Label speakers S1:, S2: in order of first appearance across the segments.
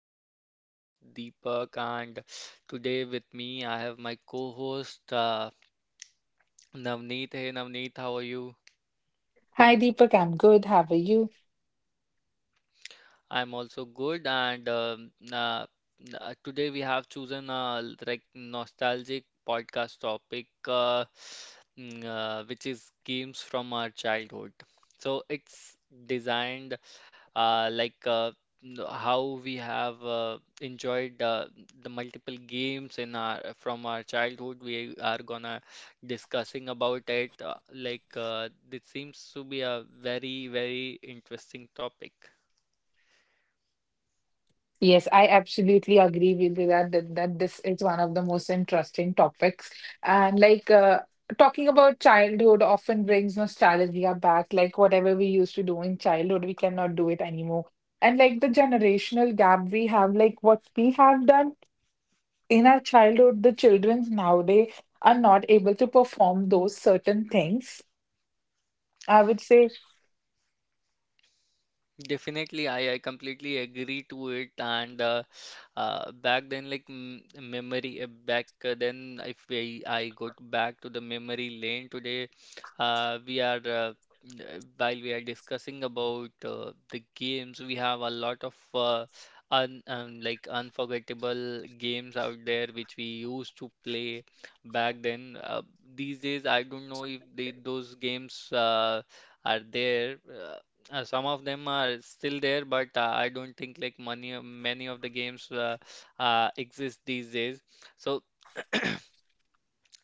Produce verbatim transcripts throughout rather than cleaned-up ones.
S1: this is your host Deepak and today with me I have my co-host uh, Navneet. Hey Navneet, how are you?
S2: Hi Deepak, I'm good. How are you?
S1: I'm also good and um uh, uh, today we have chosen a l- like nostalgic podcast topic uh, mm, uh, which is games from our childhood. So it's designed uh, like uh, n- how we have uh, enjoyed uh, the multiple games in our from our childhood. We are gonna discussing about it. Uh, like uh, this seems to be a very very interesting topic.
S2: Yes, I absolutely agree with you that, that that this is one of the most interesting topics. And like uh, talking about childhood often brings nostalgia back. Like whatever we used to do in childhood, we cannot do it anymore. And like the generational gap we have, like what we have done in our childhood, the children nowadays are not able to perform those certain things, I would say.
S1: Definitely, I, I completely agree to it. And uh, uh, back then, like m memory, uh, back uh, then, if we, I go t- back to the memory lane today, uh, we are, uh, n- uh, while we are discussing about uh, the games, we have a lot of uh, un, um, like unforgettable games out there which we used to play back then. Uh, these days, I don't know if they, those games uh, are there. Uh, uh, some of them are still there, but uh, I don't think like many many of the games uh, uh, exist these days. So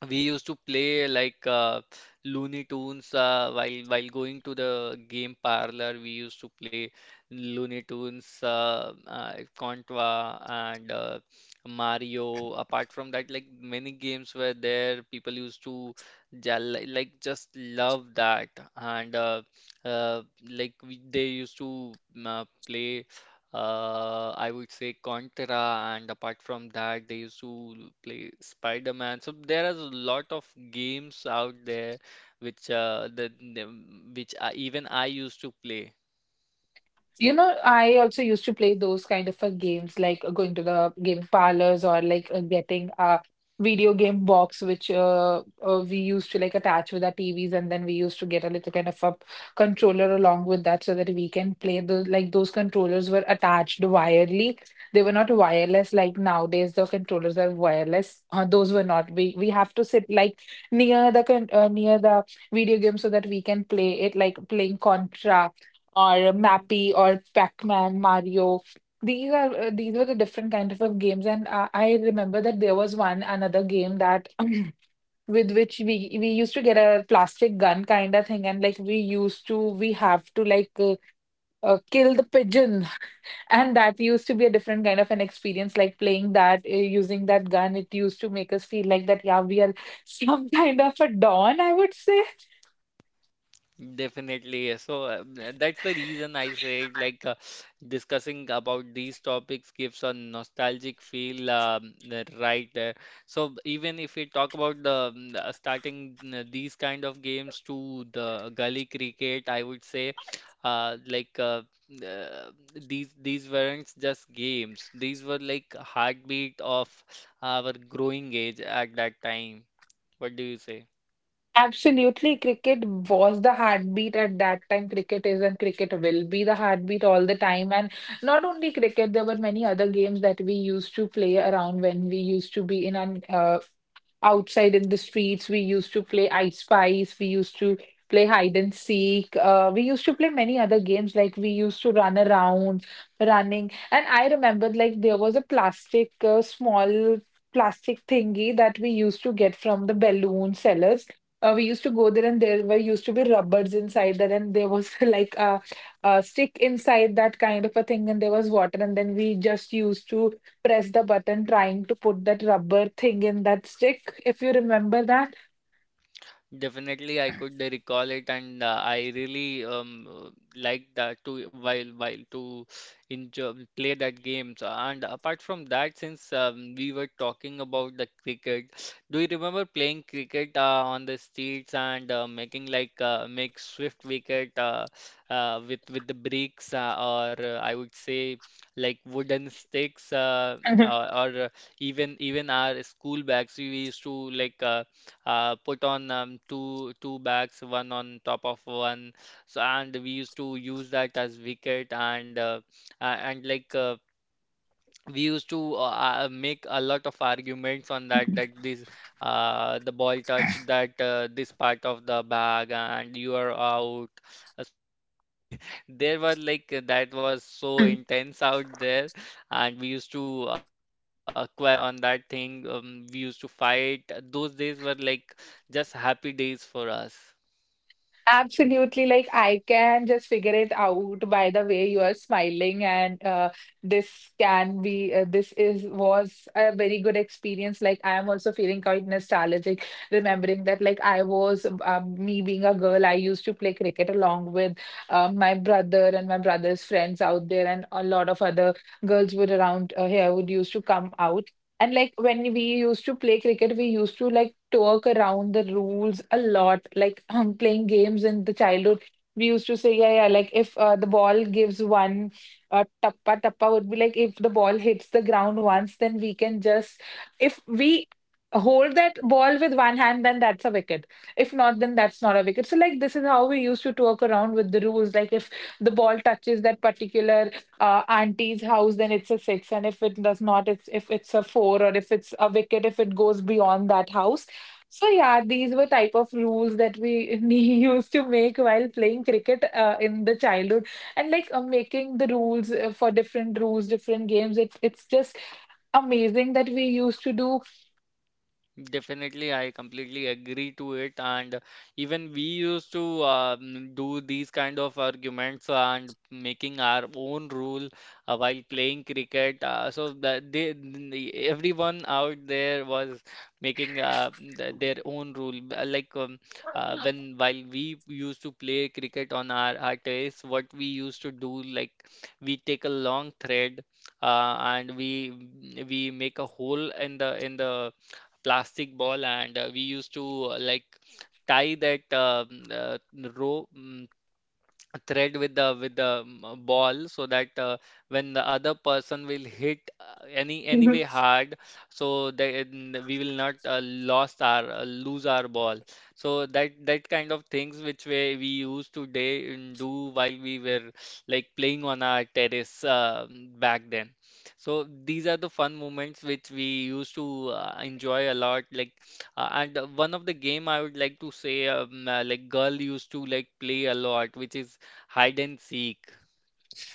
S1: we used to play like uh, Looney Tunes uh, while while going to the game parlor. We used to play Looney Tunes, uh, uh, Contra, and uh, Mario. Apart from that, like many games were there. People used to ja- li- like just love that, and uh, uh, like we, they used to uh, play uh, I would say Contra, and apart from that, they used to play Spider-Man. So there are a lot of games out there which uh, the, the which I, even I used to play.
S2: You know, I also used to play those kind of uh, games, like uh, going to the game parlors, or like uh, getting a video game box, which uh, uh, we used to like attach with our T Vs, and then we used to get a little kind of a controller along with that, so that we can play the like those controllers were attached wirely. They were not wireless like nowadays. The controllers are wireless. Uh, those were not. We we have to sit like near the con uh, near the video game so that we can play it, like playing Contra or Mappy or Pac-Man, Mario. These are uh, these were the different kind of games, and uh, I remember that there was one another game that with which we we used to get a plastic gun kind of thing, and like we used to we have to like uh, uh, kill the pigeon, and that used to be a different kind of an experience. Like playing that uh, using that gun, it used to make us feel like that yeah we are some kind of a don, I would say.
S1: Definitely. Yes. So uh, that's the reason I said like uh, discussing about these topics gives a nostalgic feel um, uh, right there. So even if we talk about the mm, uh, starting uh, these kind of games to the gully cricket, I would say uh, like uh, uh, these these weren't just games. These were like heartbeat of our growing age at that time. What do you say?
S2: Absolutely, cricket was the heartbeat at that time. Cricket is and cricket will be the heartbeat all the time. And not only cricket, there were many other games that we used to play around when we used to be in an uh, outside in the streets. We used to play ice spice. We used to play hide and seek. Uh, we used to play many other games like we used to run around, running. And I remember like there was a plastic uh, small. Plastic thingy that we used to get from the balloon sellers. Uh, we used to go there and there were used to be rubbers inside that, and there was like a, a stick inside that kind of a thing, and there was water, and then we just used to press the button trying to put that rubber thing in that stick, if you remember that.
S1: Definitely, I could recall it, and uh, I really um, uh, liked that to while while to enjoy play that game. So, and apart from that, since um, we were talking about the cricket, do you remember playing cricket uh, on the streets and uh, making like uh, make swift wicket uh, uh, with with the bricks uh, or uh, I would say like wooden sticks uh, or, or uh, even even our school bags we used to like. Uh, uh, put on um, two two bags, one on top of one. So and we used to use that as wicket and uh, a- and like uh, we used to uh, uh, make a lot of arguments on that that this uh, the ball touched that uh, this part of the bag and you are out. Uh, so the, the there were like uh, that was so intense out there and we used to uh, quarrel on on that thing. Um, we used to fight. Those days were like just happy days for us.
S2: Absolutely. Like, I can just figure it out by the way you are smiling. And uh, this can be, uh, this is, was a very good experience. Like, I am also feeling quite nostalgic, remembering that, like, I was, um, me being a girl, I used to play cricket along with uh, my brother and my brother's friends out there. And a lot of other girls would around uh, here would used to come out. And like when we used to play cricket, we used to like to work around the rules a lot, like um, playing games in the childhood. We used to say, yeah, yeah, like if uh, the ball gives one uh, tappa, tappa would be like if the ball hits the ground once, then we can just, if we hold that ball with one hand, then that's a wicket. If not, then that's not a wicket. So, like, this is how we used to talk around with the rules. Like, if the ball touches that particular uh, auntie's house, then it's a six, and if it does not, it's if it's a four, or if it's a wicket, if it goes beyond that house. So yeah, these were type of rules that we nee- used to make while playing cricket uh, in the childhood, and like uh, making the rules uh, for different rules, different games. It's it's just amazing that we used to do.
S1: Definitely, I completely agree to it. And even we used to um, do these kind of arguments and making our own rule uh, while playing cricket. Uh, so that they, everyone out there was making uh, th- their own rule. Uh, Like um, uh, when while we used to play cricket on our, our terrace, what we used to do, like we take a long thread uh, and we we make a hole in the in the plastic ball and uh, we used to uh, like tie that um, uh, rope mm, a thread with the with the um, uh, ball so that uh, when the other person will hit uh, any anyway hard so then we will not uh, lost our uh, lose our ball. So that that kind of things which we, we used to day and do while we were like playing on our terrace uh, back then. So these are the fun moments which we used to uh, enjoy a lot like uh, and uh, one of the game I would like to say um, uh, like girl used to like play a lot which is hide and seek.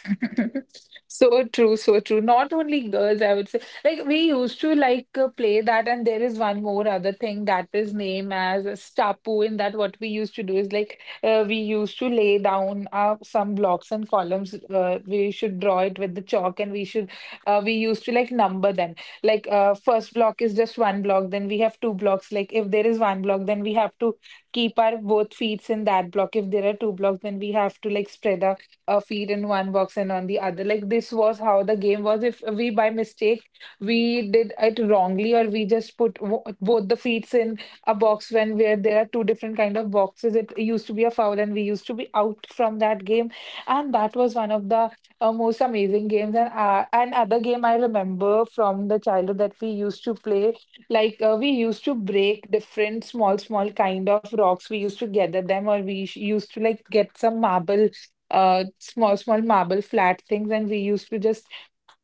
S2: So true, so true. Not only girls, I would say. Like we used to like uh, play that, and there is one more other thing that is named as stapu. In that, what we used to do is like uh, we used to lay down uh, some blocks and columns. Uh, we should draw it with the chalk, and we should uh, we used to like number them. Like uh, first block is just one block, then we have two blocks. Like if there is one block, then we have to keep our both feet in that block. If there are two blocks, then we have to like spread our uh, feet in one box and on the other. Like this was how the game was. If we by mistake we did it wrongly, or we just put wo- both the feet in a box when where there are two different kind of boxes, it used to be a foul and we used to be out from that game. And that was one of the uh, most amazing games. And uh, and other game I remember from the childhood that we used to play like uh, we used to break different small small kind of rocks, we used to gather them, or we sh- used to like get some marble uh small small marble flat things, and we used to just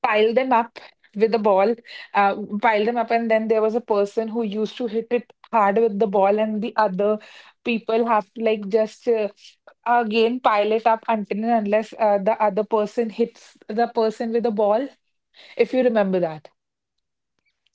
S2: pile them up with a ball, uh, pile them up, and then there was a person who used to hit it hard with the ball, and the other people have to like just uh, again pile it up, until and unless uh, the other person hits the person with the ball, if you remember that.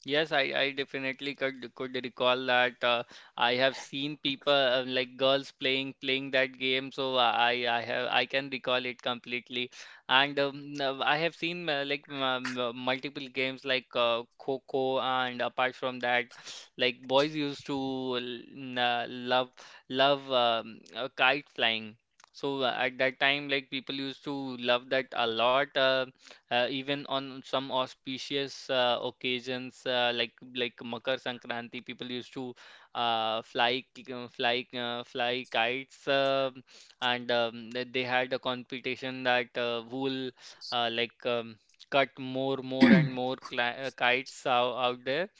S1: Yes, I, I definitely could could recall that. uh, I have seen people uh, like girls playing playing that game, so I I have I can recall it completely. And um, uh, I have seen uh, like m- m- multiple games like uh, Kho and apart from that, like boys used to l- n- uh, love love um, uh, kite flying. So uh, at that time, like people used to love that a lot. Uh, uh, even on some auspicious uh, occasions uh, like like Makar Sankranti, people used to uh, fly k- uh, fly uh, fly kites, um and um, th- they had a competition that uh, who will uh, like um, cut more more and more cli uh, kites out, out there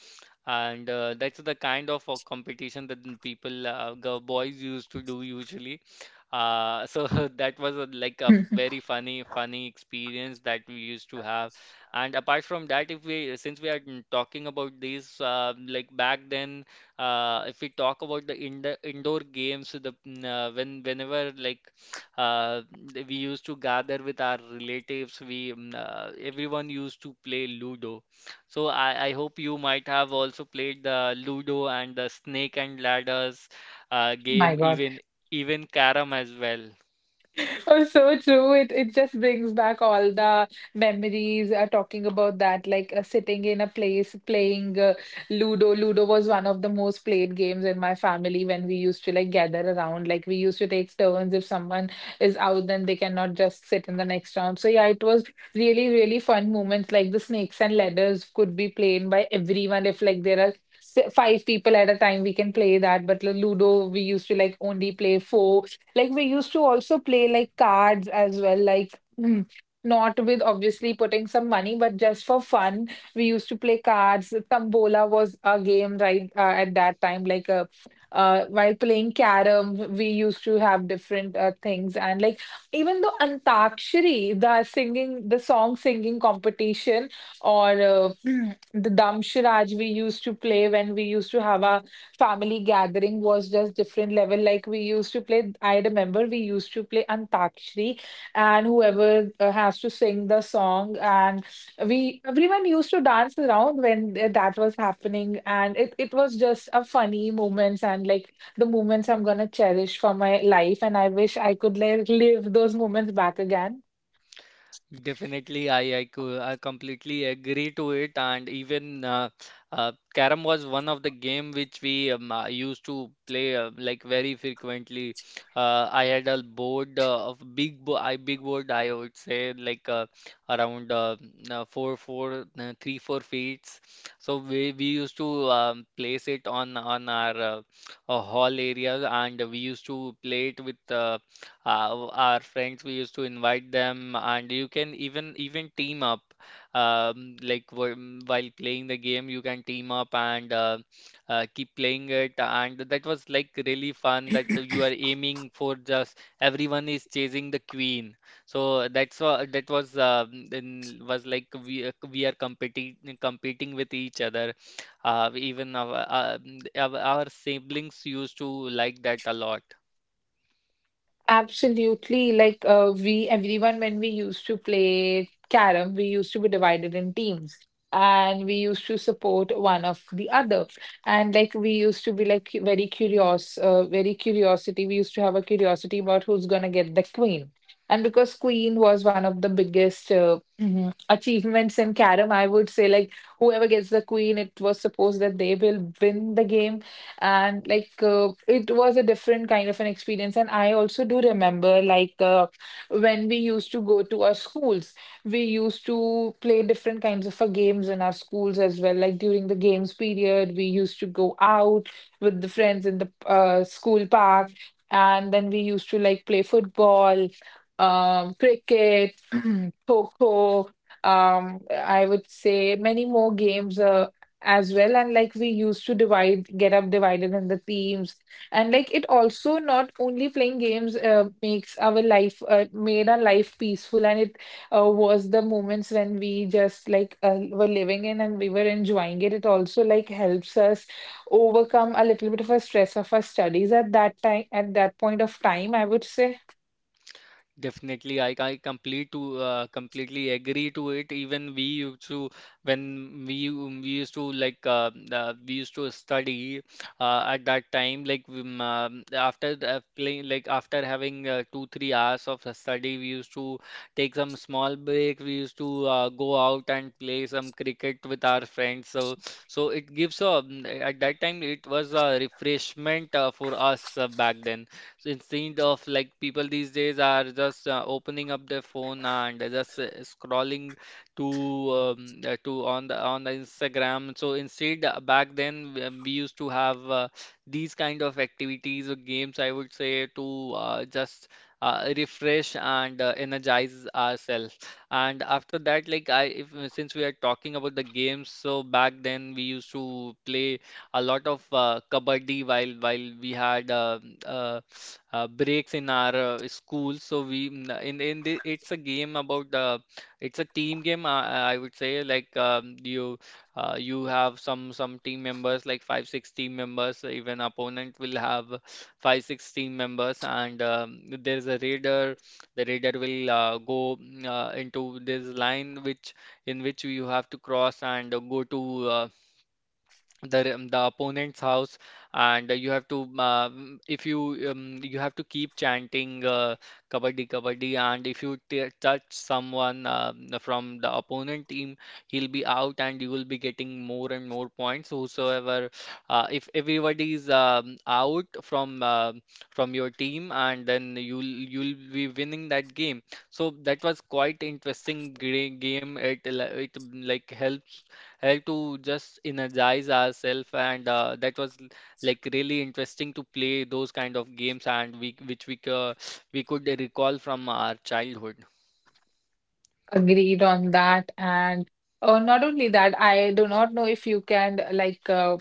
S1: and uh, that's the kind of uh, competition that the people, uh, girl, boys used to do usually. Uh, so that was a, like a very funny, funny experience that we used to have. And apart from that, if we, since we are mm, talking about this, uh, like back then, uh, if we talk about the indo indoor games, the mm, uh, when whenever like uh, we used to gather with our relatives, we mm, uh, everyone used to play Ludo. So I, I hope you might have also played the Ludo and the Snake and Ladders uh,
S2: My
S1: game,
S2: God.
S1: even even Carrom as well.
S2: Oh, so true. It it just brings back all the memories. Uh, talking about that, like uh, sitting in a place playing uh, Ludo. Ludo was one of the most played games in my family when we used to like gather around. Like we used to take turns. If someone is out, then they cannot just sit in the next round. So yeah, it was really really fun moments. Like the snakes and ladders could be played by everyone. If like there are s- five people at a time, we can play that. But Ludo, we used to like only play four. Like we used to also play like cards as well, like mm, not with obviously putting some money, but just for fun. We used to play cards. Tambola was a game right uh, at that time. Like a, uh, while playing carom, we used to have different uh, things, and like even the Antakshari, the singing, the song singing competition, or uh, the Damshiraj we used to play when we used to have our family gathering, was just different level. Like we used to play, I remember we used to play Antakshri, and whoever uh, has to sing the song, and we everyone used to dance around when uh, that was happening, and it it was just a funny moments, and like the moments I'm gonna cherish for my life, and I wish I could like live those moments back again.
S1: Definitely, I I, cou- I completely agree to it, and even uh, uh, Carom was one of the game which we um, uh, used to play uh, like very frequently. Uh, I had a board uh, of big bo I big board I would say like uh, around uh, uh, four four uh, three four feet. So we we used to um, place it on on our uh, uh, hall area, and we used to play it with uh, uh, our friends, we used to invite them, and you can even even team up. Um, like wh- while playing the game, you can team up and uh, uh, keep playing it. And that was like really fun that you are aiming for just everyone is chasing the queen. So that's what that was uh in, was like we are- we are competing competing with each other. Uh, even our, uh, our our siblings used to like that a lot.
S2: Absolutely. Like uh, we, everyone, when we used to play carom, we used to be divided in teams and we used to support one of the other. And like we used to be like cu- very curious, uh, very curiosity. We used to have a curiosity about who's gonna get the queen. And because queen was one of the biggest uh, mhm, achievements in carom, I would say like whoever gets the queen, it was supposed that they will win the game. And like uh, it was a different kind of an experience, and I also do remember like uh, when we used to go to our schools, we used to play different kinds of uh, games in our schools as well. Like during the games period, we used to go out with the friends in the uh, school park, and then we used to like play football, um cricket, kho, um I would say many more games uh, as well. And like we used to divide get up divided in the teams. And like it also not only playing games uh, makes our life uh, made our life peaceful, and it uh, was the moments when we just like uh, were living in and we were enjoying it. It also like helps us overcome a little bit of a stress of our studies at that time, at that point of time, I would say.
S1: Definitely, I, I complete to uh, completely agree to it. Even we used to when we u- we used to like uh, uh, we used to study uh, at that time. Like um, um, after uh, playing, like after having uh, two three hours of uh, study, we used to take some small break. We used to uh, go out and play some cricket with our friends. So so it gives a at that time it was a refreshment uh, for us uh, back then. So instead of like people these days are just uh, opening up their phone and just uh, scrolling to um, uh, to on the on the Instagram. So instead, uh, back then we we used to have uh, these kind of activities or games, I would say, to uh, just uh, refresh and uh, energize ourselves. And after that, like I, if since we are talking about the games, so back then we used to play a lot of uh, kabaddi while while we had uh, uh, uh, breaks in our uh, school. So we n- in in the, it's a game about the it's a team game. Uh, uh, I would say like um, you uh, you have some some team members like five six team members. Even opponent will have five six team members, and um, there is a raider. The raider will uh, go mm, uh, into this line which in which you have to cross and go to. Uh, the um, the opponent's house and uh, you have to uh, mm, if you um, you have to keep chanting uh, kabaddi kabaddi, and if you t touch someone uh, from the opponent team, he'll be out and you will be getting more and more points whosoever. Uh, if everybody is um, out from uh, from your team, and then you'll you'll be winning that game. So that was quite interesting gra- game. It, li- it mm, like helps help to just energize ourselves, and uh, that was l- like really interesting to play those kind of games and we which we c- we could recall from our childhood.
S2: Agreed on that. And uh, not only that, I do not know if you can like uh,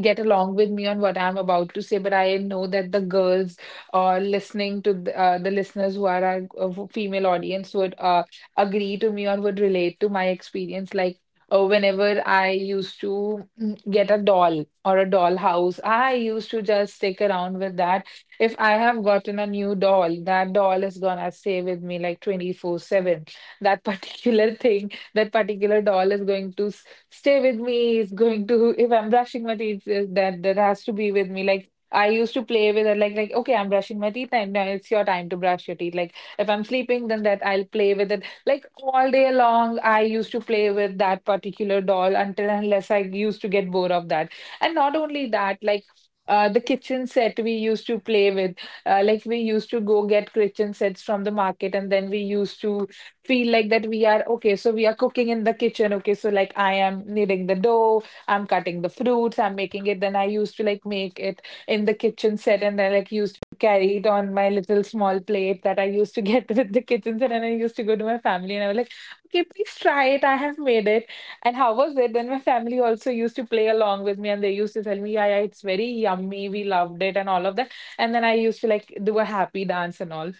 S2: get along with me on what I'm about to say, but I know that the girls uh, listening to the, uh, the listeners who are our uh, f- female audience would uh, agree to me or would relate to my experience. Like uh, whenever I used to mm, get a doll or a dollhouse, I used to just stick around with that. If I have gotten a new doll, that doll is gonna stay with me like twenty-four seven. That particular thing, that particular doll is going to stay with me, is going to, if I'm brushing my teeth, uh, that that has to be with me. Like I used to play with it like, like okay, I'm brushing my teeth and now it's your time to brush your teeth. Like if I'm sleeping, then that I'll play with it. Like all day long I used to play with that particular doll until and unless I used to get bored of that. And not only that, like uh, the kitchen set we used to play with, uh, like we used to go get kitchen sets from the market, and then we used to feel like that we are, okay, so we are cooking in the kitchen. Okay, so like I am kneading the dough, I'm cutting the fruits, I'm making it. Then I used to like make it in the kitchen set and then like used to carry it on my little small plate that I used to get with the kitchen set, and I used to go to my family and I was like, okay, please try it, I have made it. And how was it? Then my family also used to play along with me and they used to tell me, yeah, yeah, it's very yummy, we loved it and all of that. And then I used to like do a happy dance and all.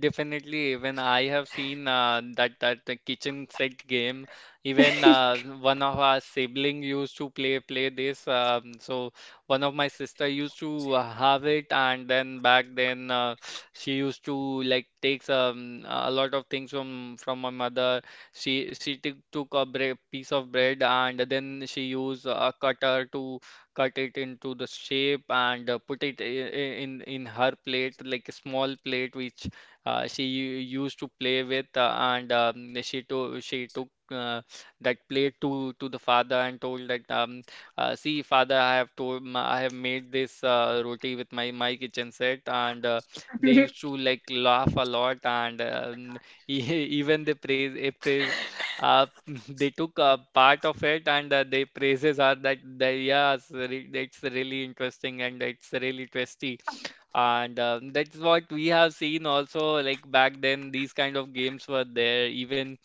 S1: Definitely, even I have seen uh, that that the kitchen set game. Even uh, one of our sibling used to play play this. Um, so one of my sister used to have it, and then back then uh, she used to like takes um, a lot of things from from my mother. She she took took a bre piece of bread, and then she used a cutter to cut it into the shape and uh, put it I- I- in in her plate, like a small plate which uh, she u- used to play with, uh, and um, she to she took uh, that plate to to the father and told that, um, uh, "See, father, I have told m- I have made this uh, roti with my my kitchen set," and uh, they used to like laugh a lot, and um, e- even they praise if they uh, they took a part of it and uh, their praises are that they yes re- it's really interesting and it's really tasty and uh, that's what we have seen also. Like back then, these kind of games were there. Even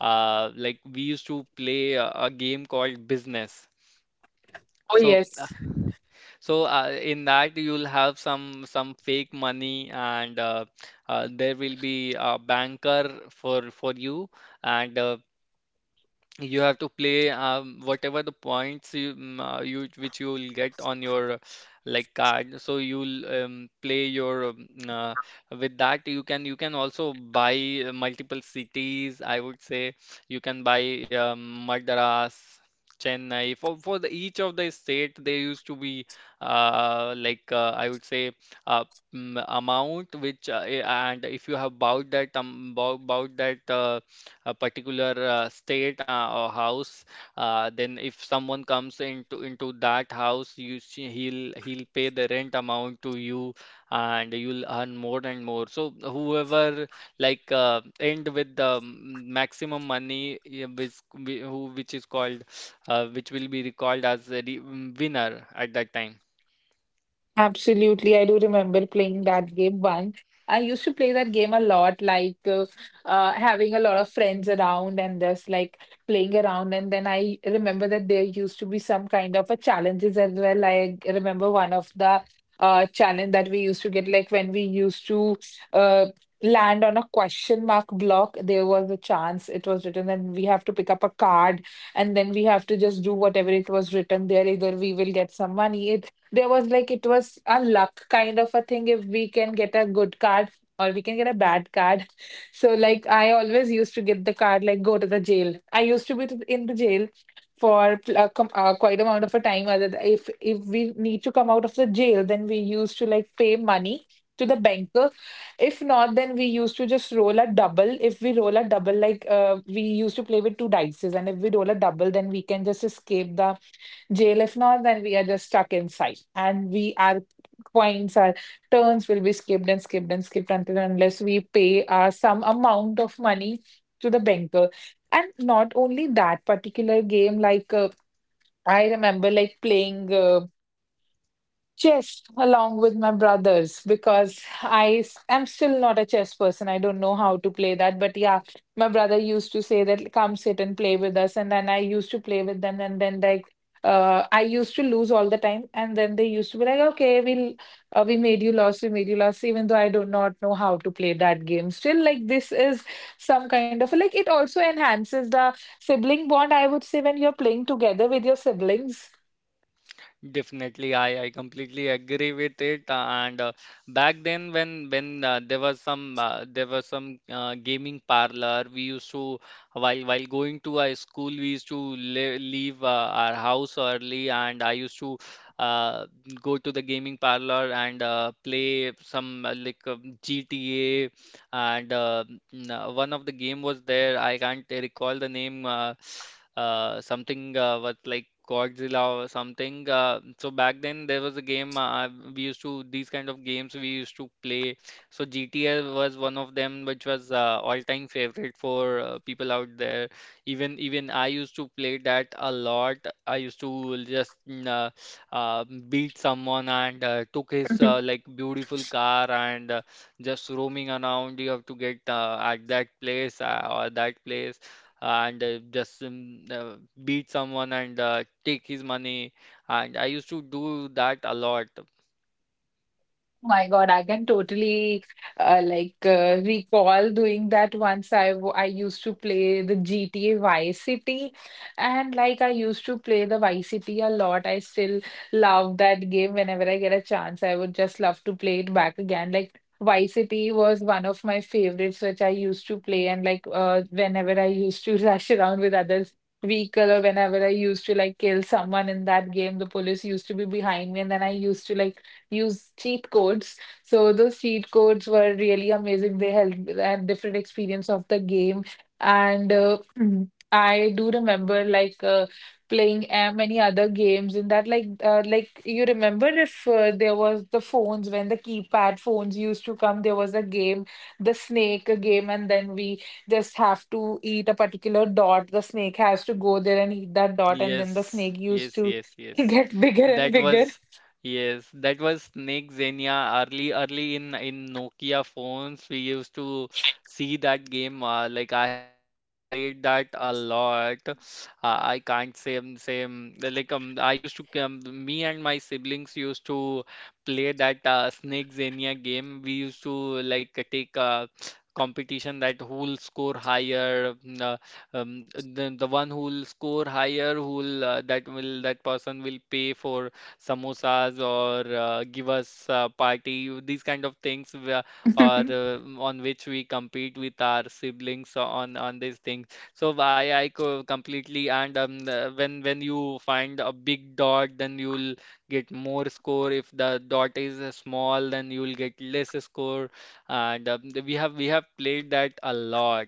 S1: uh, like we used to play a, a game called Business.
S2: Oh
S1: So,
S2: yes.
S1: uh, so uh, in that you'll have some some fake money, and uh, uh, there will be a banker for for you, and uh, you have to play um, whatever the points you, mm, uh, you which you will get on your uh, like card so you'll um, play your um, uh, with that you can you can also buy uh, multiple cities I would say you can buy um, Madras Chennai for for the, each of the state there used to be uh, like uh, I would say uh, mm, amount which uh, eh, and if you have bought that um, bought, bought that uh, a particular uh, state uh, or house, uh, then if someone comes into into that house you see, he'll he'll pay the rent amount to you and you'll earn more and more. So whoever, like uh, end with the um, maximum money, yeah, which whi- who which is called uh, which will be recalled as the re- winner at that time.
S2: Absolutely. I do remember playing that game once. I used to play that game a lot, like uh, uh, having a lot of friends around and just like playing around. And then I remember that there used to be some kind of a challenges as well. I remember one of the uh, challenge that we used to get, like when we used to uh, land on a question mark block, there was a chance, it was written, and we have to pick up a card and then we have to just do whatever it was written there. Either we will get some money, there was like, it was a luck kind of a thing, if we can get a good card or we can get a bad card. So like I always used to get the card like go to the jail. I used to be to- in the jail for uh, com uh, quite amount of a time. Other th- if if we need to come out of the jail, then we used to like pay money to the banker. If not, then we used to just roll a double. If we roll a double, like uh, we used to play with two dices, and if we roll a double, then we can just escape the jail. If not, then we are just stuck inside and we, our coins, our turns will be skipped and skipped and skipped until and unless we pay uh, some amount of money to the banker. And not only that particular game, like uh, I remember like playing Uh, chess along with my brothers, because I s- am still not a chess person. I don't know how to play that. But yeah, my brother used to say that come sit and play with us. And then I used to play with them. And then like uh, I used to lose all the time. And then they used to be like, okay, we'll, uh, we made you lose, we made you lose, even though I do not know how to play that game. Still, like this is some kind of like, it also enhances the sibling bond, I would say, when you're playing together with your siblings.
S1: Definitely, I, I completely agree with it. uh, And uh, back then, when when uh, there was some uh, there was some uh, gaming parlor, we used to, while while going to a school, we used to le leave uh, our house early, and I used to uh, go to the gaming parlor and uh, play some uh, like uh, G T A and uh, n- uh, one of the game was there. I can't recall the name. Uh, uh, something uh, was like Godzilla or something. Uh, so back then there was a game. Uh, we used to, these kind of games we used to play. So G T A was one of them, which was uh, all-time favorite for uh, people out there. Even even I used to play that a lot. I used to just mm, uh, uh, beat someone and uh, took his uh, like beautiful car and uh, just roaming around. You have to get uh, at that place uh, or that place and uh, just um, uh, beat someone and uh, take his money. And I used to do that a lot.
S2: My God, I can totally uh, like uh, recall doing that. Once I w- I used to play the G T A Vice City, and like I used to play the Vice City a lot. I still love that game. Whenever I get a chance, I would just love to play it back again. Like Vice City was one of my favorites which I used to play, and like uh, whenever I used to rush around with others vehicle, or whenever I used to like kill someone in that game, the police used to be behind me and then I used to like use cheat codes. So those cheat codes were really amazing. They helped with a different experience of the game. And uh, I do remember like uh, playing uh, many other games in that, like uh, like you remember, if uh, there was the phones, when the keypad phones used to come, there was a game, the snake a game, and then we just have to eat a particular dot. The snake has to go there and eat that dot, and then the
S1: Yes,
S2: snake used
S1: yes,
S2: to
S1: yes, yes.
S2: get bigger and
S1: That
S2: bigger.
S1: was, yes, that was Snake Xenia early early in in Nokia phones. We used to see that game. Uh, like I have I have played that a lot. Uh, I can't say um, same like um I used to, um, me and my siblings used to play that uh, Snake Xenia game. We used to like take uh, competition that who'll score higher. uh, um, the, the one who'll score higher who'll uh, that will that person will pay for samosas or uh, give us a party, these kind of things, where- or uh, on which we compete with our siblings on on these things. So I I co- completely. And um, uh, when when you find a big dot then you'll get more score. If the dot is uh, small then you'll get less score, and um, we have we have played that a lot.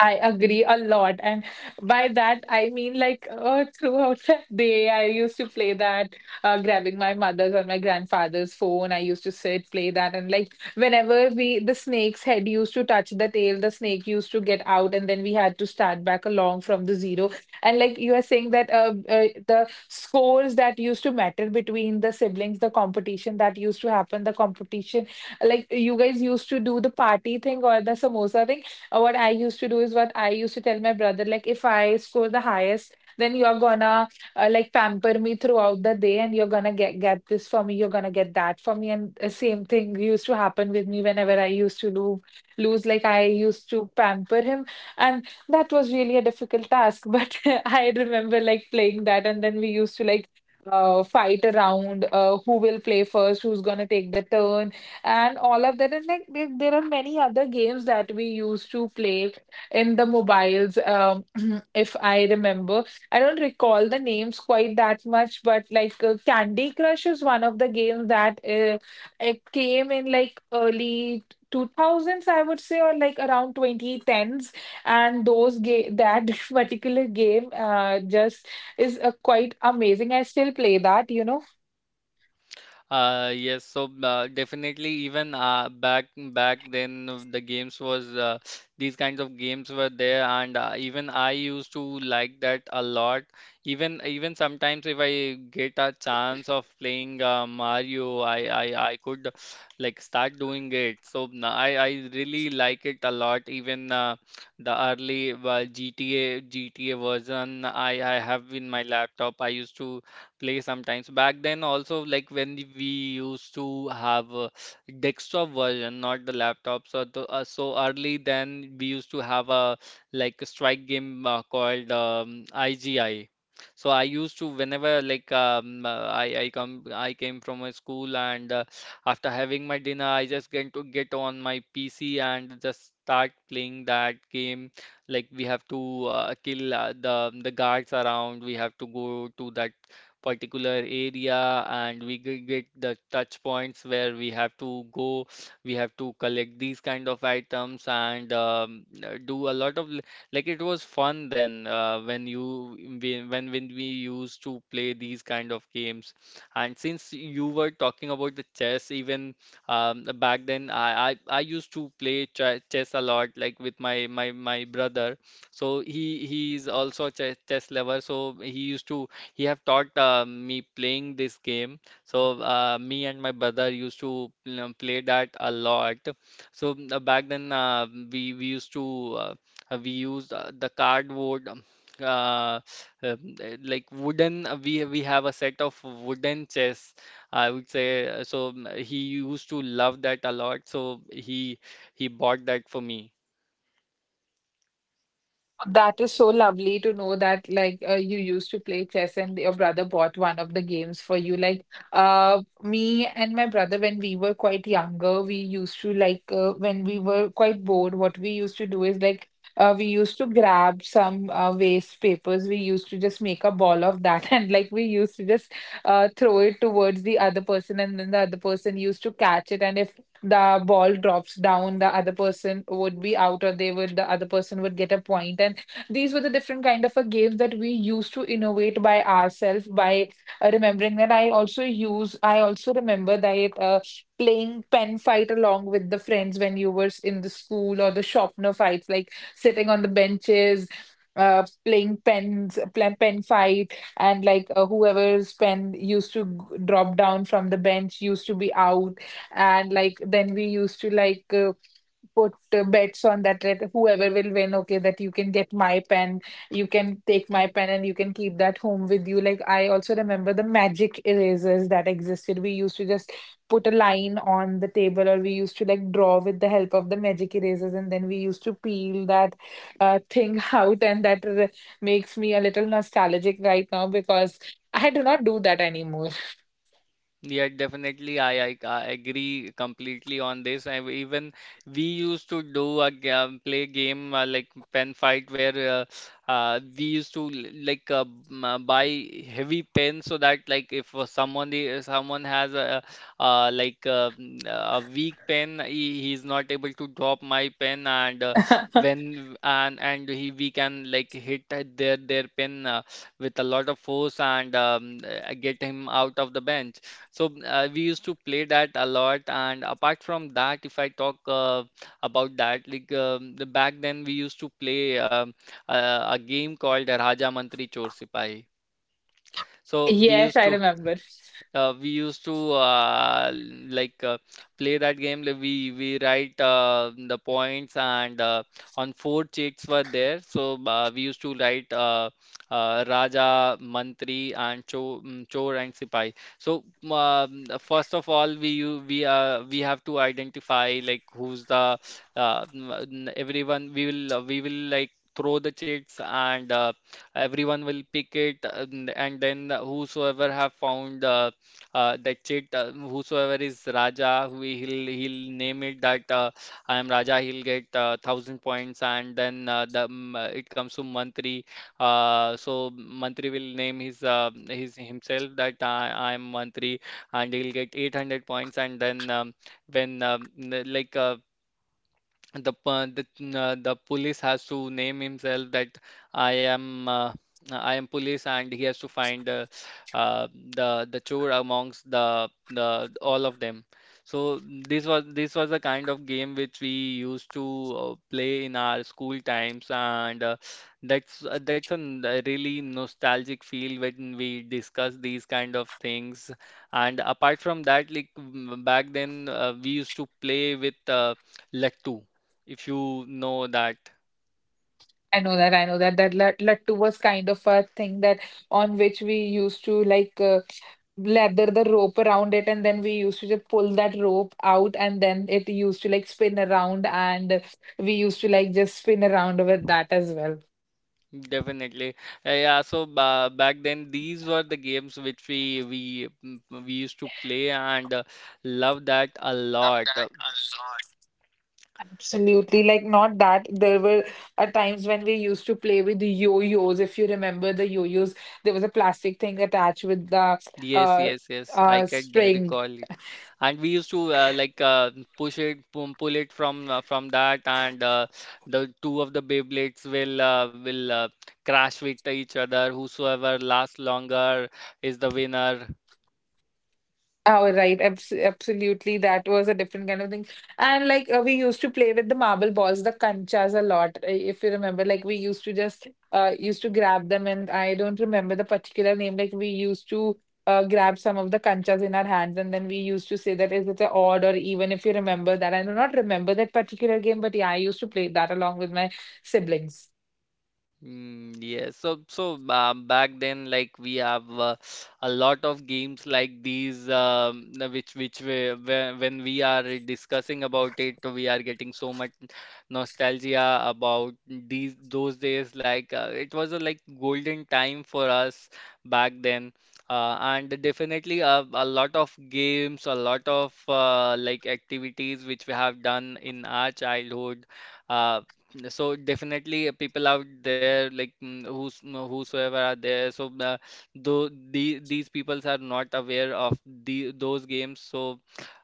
S2: I agree a lot. And by that I mean, like uh, throughout the day, I used to play that, uh, grabbing my mother's or my grandfather's phone. I used to sit, play that. And like whenever we, the snake's head used to touch the tail, the snake used to get out. And then we had to start back along from the zero. And like you are saying that uh, uh, the scores that used to matter between the siblings, the competition that used to happen, the competition, like you guys used to do the party thing or the samosa thing, or what I used to do is, what I used to tell my brother, like if I score the highest, then you're gonna uh, like pamper me throughout the day, and you're gonna get get this for me, you're gonna get that for me, and the same thing used to happen with me whenever I used to do lose. Like I used to pamper him, and that was really a difficult task. But I remember like playing that, and then we used to like. Uh, fight around, uh, who will play first, who's gonna take the turn, and all of that. And like there, there are many other games that we used to play in the mobiles. Um, if I remember, I don't recall the names quite that much, but like uh, Candy Crush is one of the games that uh, it came in like early two thousands, I would say, or like around twenty tens. And those ga- that particular game uh, just is uh, quite amazing, I still play that, you know.
S1: Uh, yes, so uh, definitely, even uh, back back then uh, the games was, uh, these kinds of games were there and uh, even I used to like that a lot. Even even sometimes if I get a chance of playing uh, Mario, I, I I could like start doing it. So n- I I really like it a lot. Even uh, the early uh, G T A G T A version I I have in my laptop. I used to play sometimes. Back then, also, like when the- we used to have a desktop version, not the laptop. So, the, uh, so early then we used to have a like a strike game uh, called um, I G I. So I used to, whenever like um, uh, I I come I came from a school and uh, after having my dinner I just get to get on my P C and just start playing that game. Like we have to uh, kill uh, the the guards around. We have to go to that particular area and we g- get the touch points where we have to go, we have to collect these kind of items, and um, uh, do a lot of l- like it was fun then uh, when you when when when we used to play these kind of games. And since you were talking about the chess, even um, back then, I, I I used to play ch chess a lot like with my my my brother. So he he is also a chess, chess lover. So he used to, he have taught uh, me playing this game. So uh, me and my brother used to um, play that a lot. So uh, back then uh, we we used to, uh, uh, we used uh, the cardboard. um, Uh, um, uh, like wooden, uh, we we have a set of wooden chess, I would say, uh, so. mm, He used to love that a lot, so he he bought that for me.
S2: That is so lovely to know that, like uh, you used to play chess and your brother bought one of the games for you. Like uh me and my brother, when we were quite younger, we used to like uh, when we were quite bored, what we used to do is like uh, we used to grab some uh, waste papers. We used to just make a ball of that and like we used to just uh, throw it towards the other person, and then the other person used to catch it, and if the ball drops down, the other person would be out, or they would, the other person would get a point. And these were the different kind of a games that we used to innovate by ourselves by uh, remembering that. I also use I also remember that uh, playing pen fight along with the friends when you were s- in the school, or the shopner fights, like sitting on the benches uh, playing pens pl- pen fight, and like uh, whoever's pen used to g- drop down from the bench used to be out. And like then we used to like uh, put uh, bets on that, that whoever will win, okay, that you can get my pen, you can take my pen and you can keep that home with you. Like I also remember the magic erasers that existed. We used to just put a line on the table, or we used to like draw with the help of the magic erasers, and then we used to peel that uh, thing out, and that r- makes me a little nostalgic right now, because I do not do that anymore.
S1: Yeah, definitely. I, I I agree completely on this. I, even we used to do a game, play game uh, like pen fight where uh, uh, we used to l- like uh, m- uh, buy heavy pens so that like if uh, someone i- someone has a uh, like uh, mm, a weak pen, he, he's not able to drop my pen and uh, when and and he, we can like hit at their their pen uh, with a lot of force and um, uh, get him out of the bench. So uh, we used to play that a lot, and apart from that, if I talk uh, about that, like um, the, back then we used to play um, uh, a game called Raja Mantri Chor Sipahi. So we
S2: Yes,
S1: used
S2: I
S1: to,
S2: remember.
S1: uh, we used to uh, like uh, play that game. Like We we write uh, the points and uh, on four checks were there. So uh, we used to write uh, uh, Raja, Mantri, and Cho, mm, Chor and Sipai. So um, uh, first of all, we you we uh, we have to identify like who's the uh, n- everyone. We will uh, we will like throw the checks and uh, everyone will pick it, and and then whosoever have found uh, uh, that chit, uh, whosoever is Raja, who he'll he'll name it that uh, I am Raja, he'll get uh, thousand points. And then uh, the um, uh, it comes to Mantri. Uh, so Mantri will name his, uh, his himself that I I am Mantri, and he'll get eight hundred points. And then um, when um, n- like uh, the p- the uh, the police has to name himself that I am, uh, I am police, and he has to find uh, uh, the the chore amongst the the all of them. So this was this was the kind of game which we used to uh, play in our school times, and uh, that's uh, that's a n- a really nostalgic feel when we discuss these kind of things. And apart from that, like m- back then uh, we used to play with uh, Lattu, if you know that.
S2: I know that, I know that, that lat- lattu was kind of a thing that on which we used to like uh, lather the rope around it, and then we used to just pull that rope out, and then it used to like spin around, and we used to like just spin around with that as well.
S1: Definitely. Uh, yeah, so ba back then these were the games which we we mm, we used to play and uh, love that a lot. Uh,
S2: Absolutely, like not that. There were uh, times when we used to play with the yo-yos. If you remember the yo-yos, there was a plastic thing attached with the
S1: yes,
S2: uh
S1: yes, yes, I
S2: uh
S1: can uh,
S2: string.
S1: recall it. And we used to uh, like uh, push it, pull, pull it from uh, from that, and uh, the two of the Beyblades will uh, will uh, crash with each other. Whosoever lasts longer is the winner.
S2: Oh, right. Abs absolutely. That was a different kind of thing. And like uh, we used to play with the marble balls, the kanchas a lot. uh, If you remember, like we used to just uh used to grab them, and I don't remember the particular name. Like we used to uh grab some of the kanchas in our hands, and then we used to say that is it a odd or even, if you remember that. I do not remember that particular game, but yeah, I used to play that along with my siblings.
S1: Mm, yes. So so uh, back then, like we have uh, a lot of games like these, um, uh, which which we, when when we are discussing about it, we are getting so much nostalgia about these those days. Like uh, it was a like golden time for us back then. Uh, and definitely uh, a lot of games, a lot of uh, like activities which we have done in our childhood. Uh. So definitely uh, people out there, like, mm, who's mm, whosoever are there, so uh, though the, these peoples are not aware of the those games. So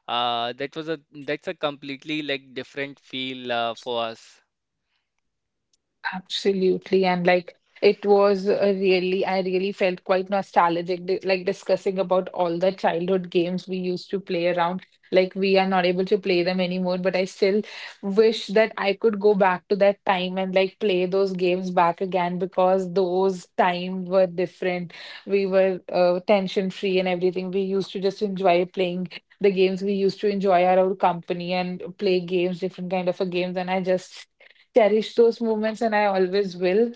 S1: uh, that was a that's a completely like different feel uh, for us.
S2: Absolutely. And like it was a really, I really felt quite nostalgic, di- like discussing about all the childhood games we used to play around. Like we are not able to play them anymore, but I still wish that I could go back to that time and like play those games back again, because those times were different. We were uh, tension free and everything. We used to just enjoy playing the games. We used to enjoy our own company and play games, different kind of a games. And I just cherish those moments, and I always will.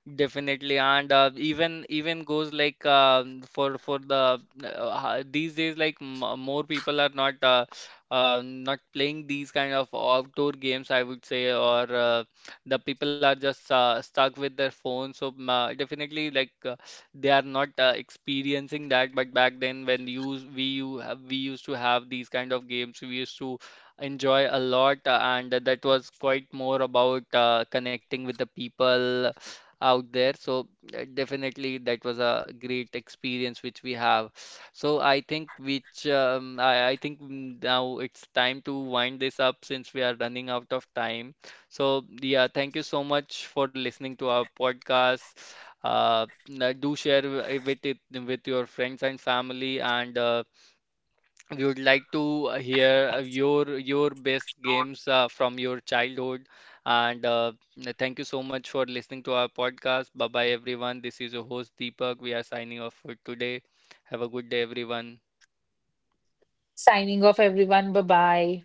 S1: Definitely, and uh, even even goes like um for for the uh, uh, these days, like m more people are not uh, uh, not playing these kind of outdoor games, I would say, or uh, the people are just uh, stuck with their phones. So m- uh, definitely like uh, they are not uh, experiencing that. But back then, when you we you have, we used to have these kind of games, we used to enjoy a lot, uh, and that was quite more about uh, connecting with the people out there. So uh, definitely that was a great experience which we have. So I think which um, I, I think now it's time to wind this up since we are running out of time. So yeah, thank you so much for listening to our podcast. Uh, n- do share w- with it with your friends and family, and uh, we would like to uh, hear uh, your your best games uh, from your childhood. And uh, thank you so much for listening to our podcast. Bye bye, everyone. This is your host Deepak. We are signing off for today. Have a good day, everyone.
S2: Signing off, everyone. Bye bye.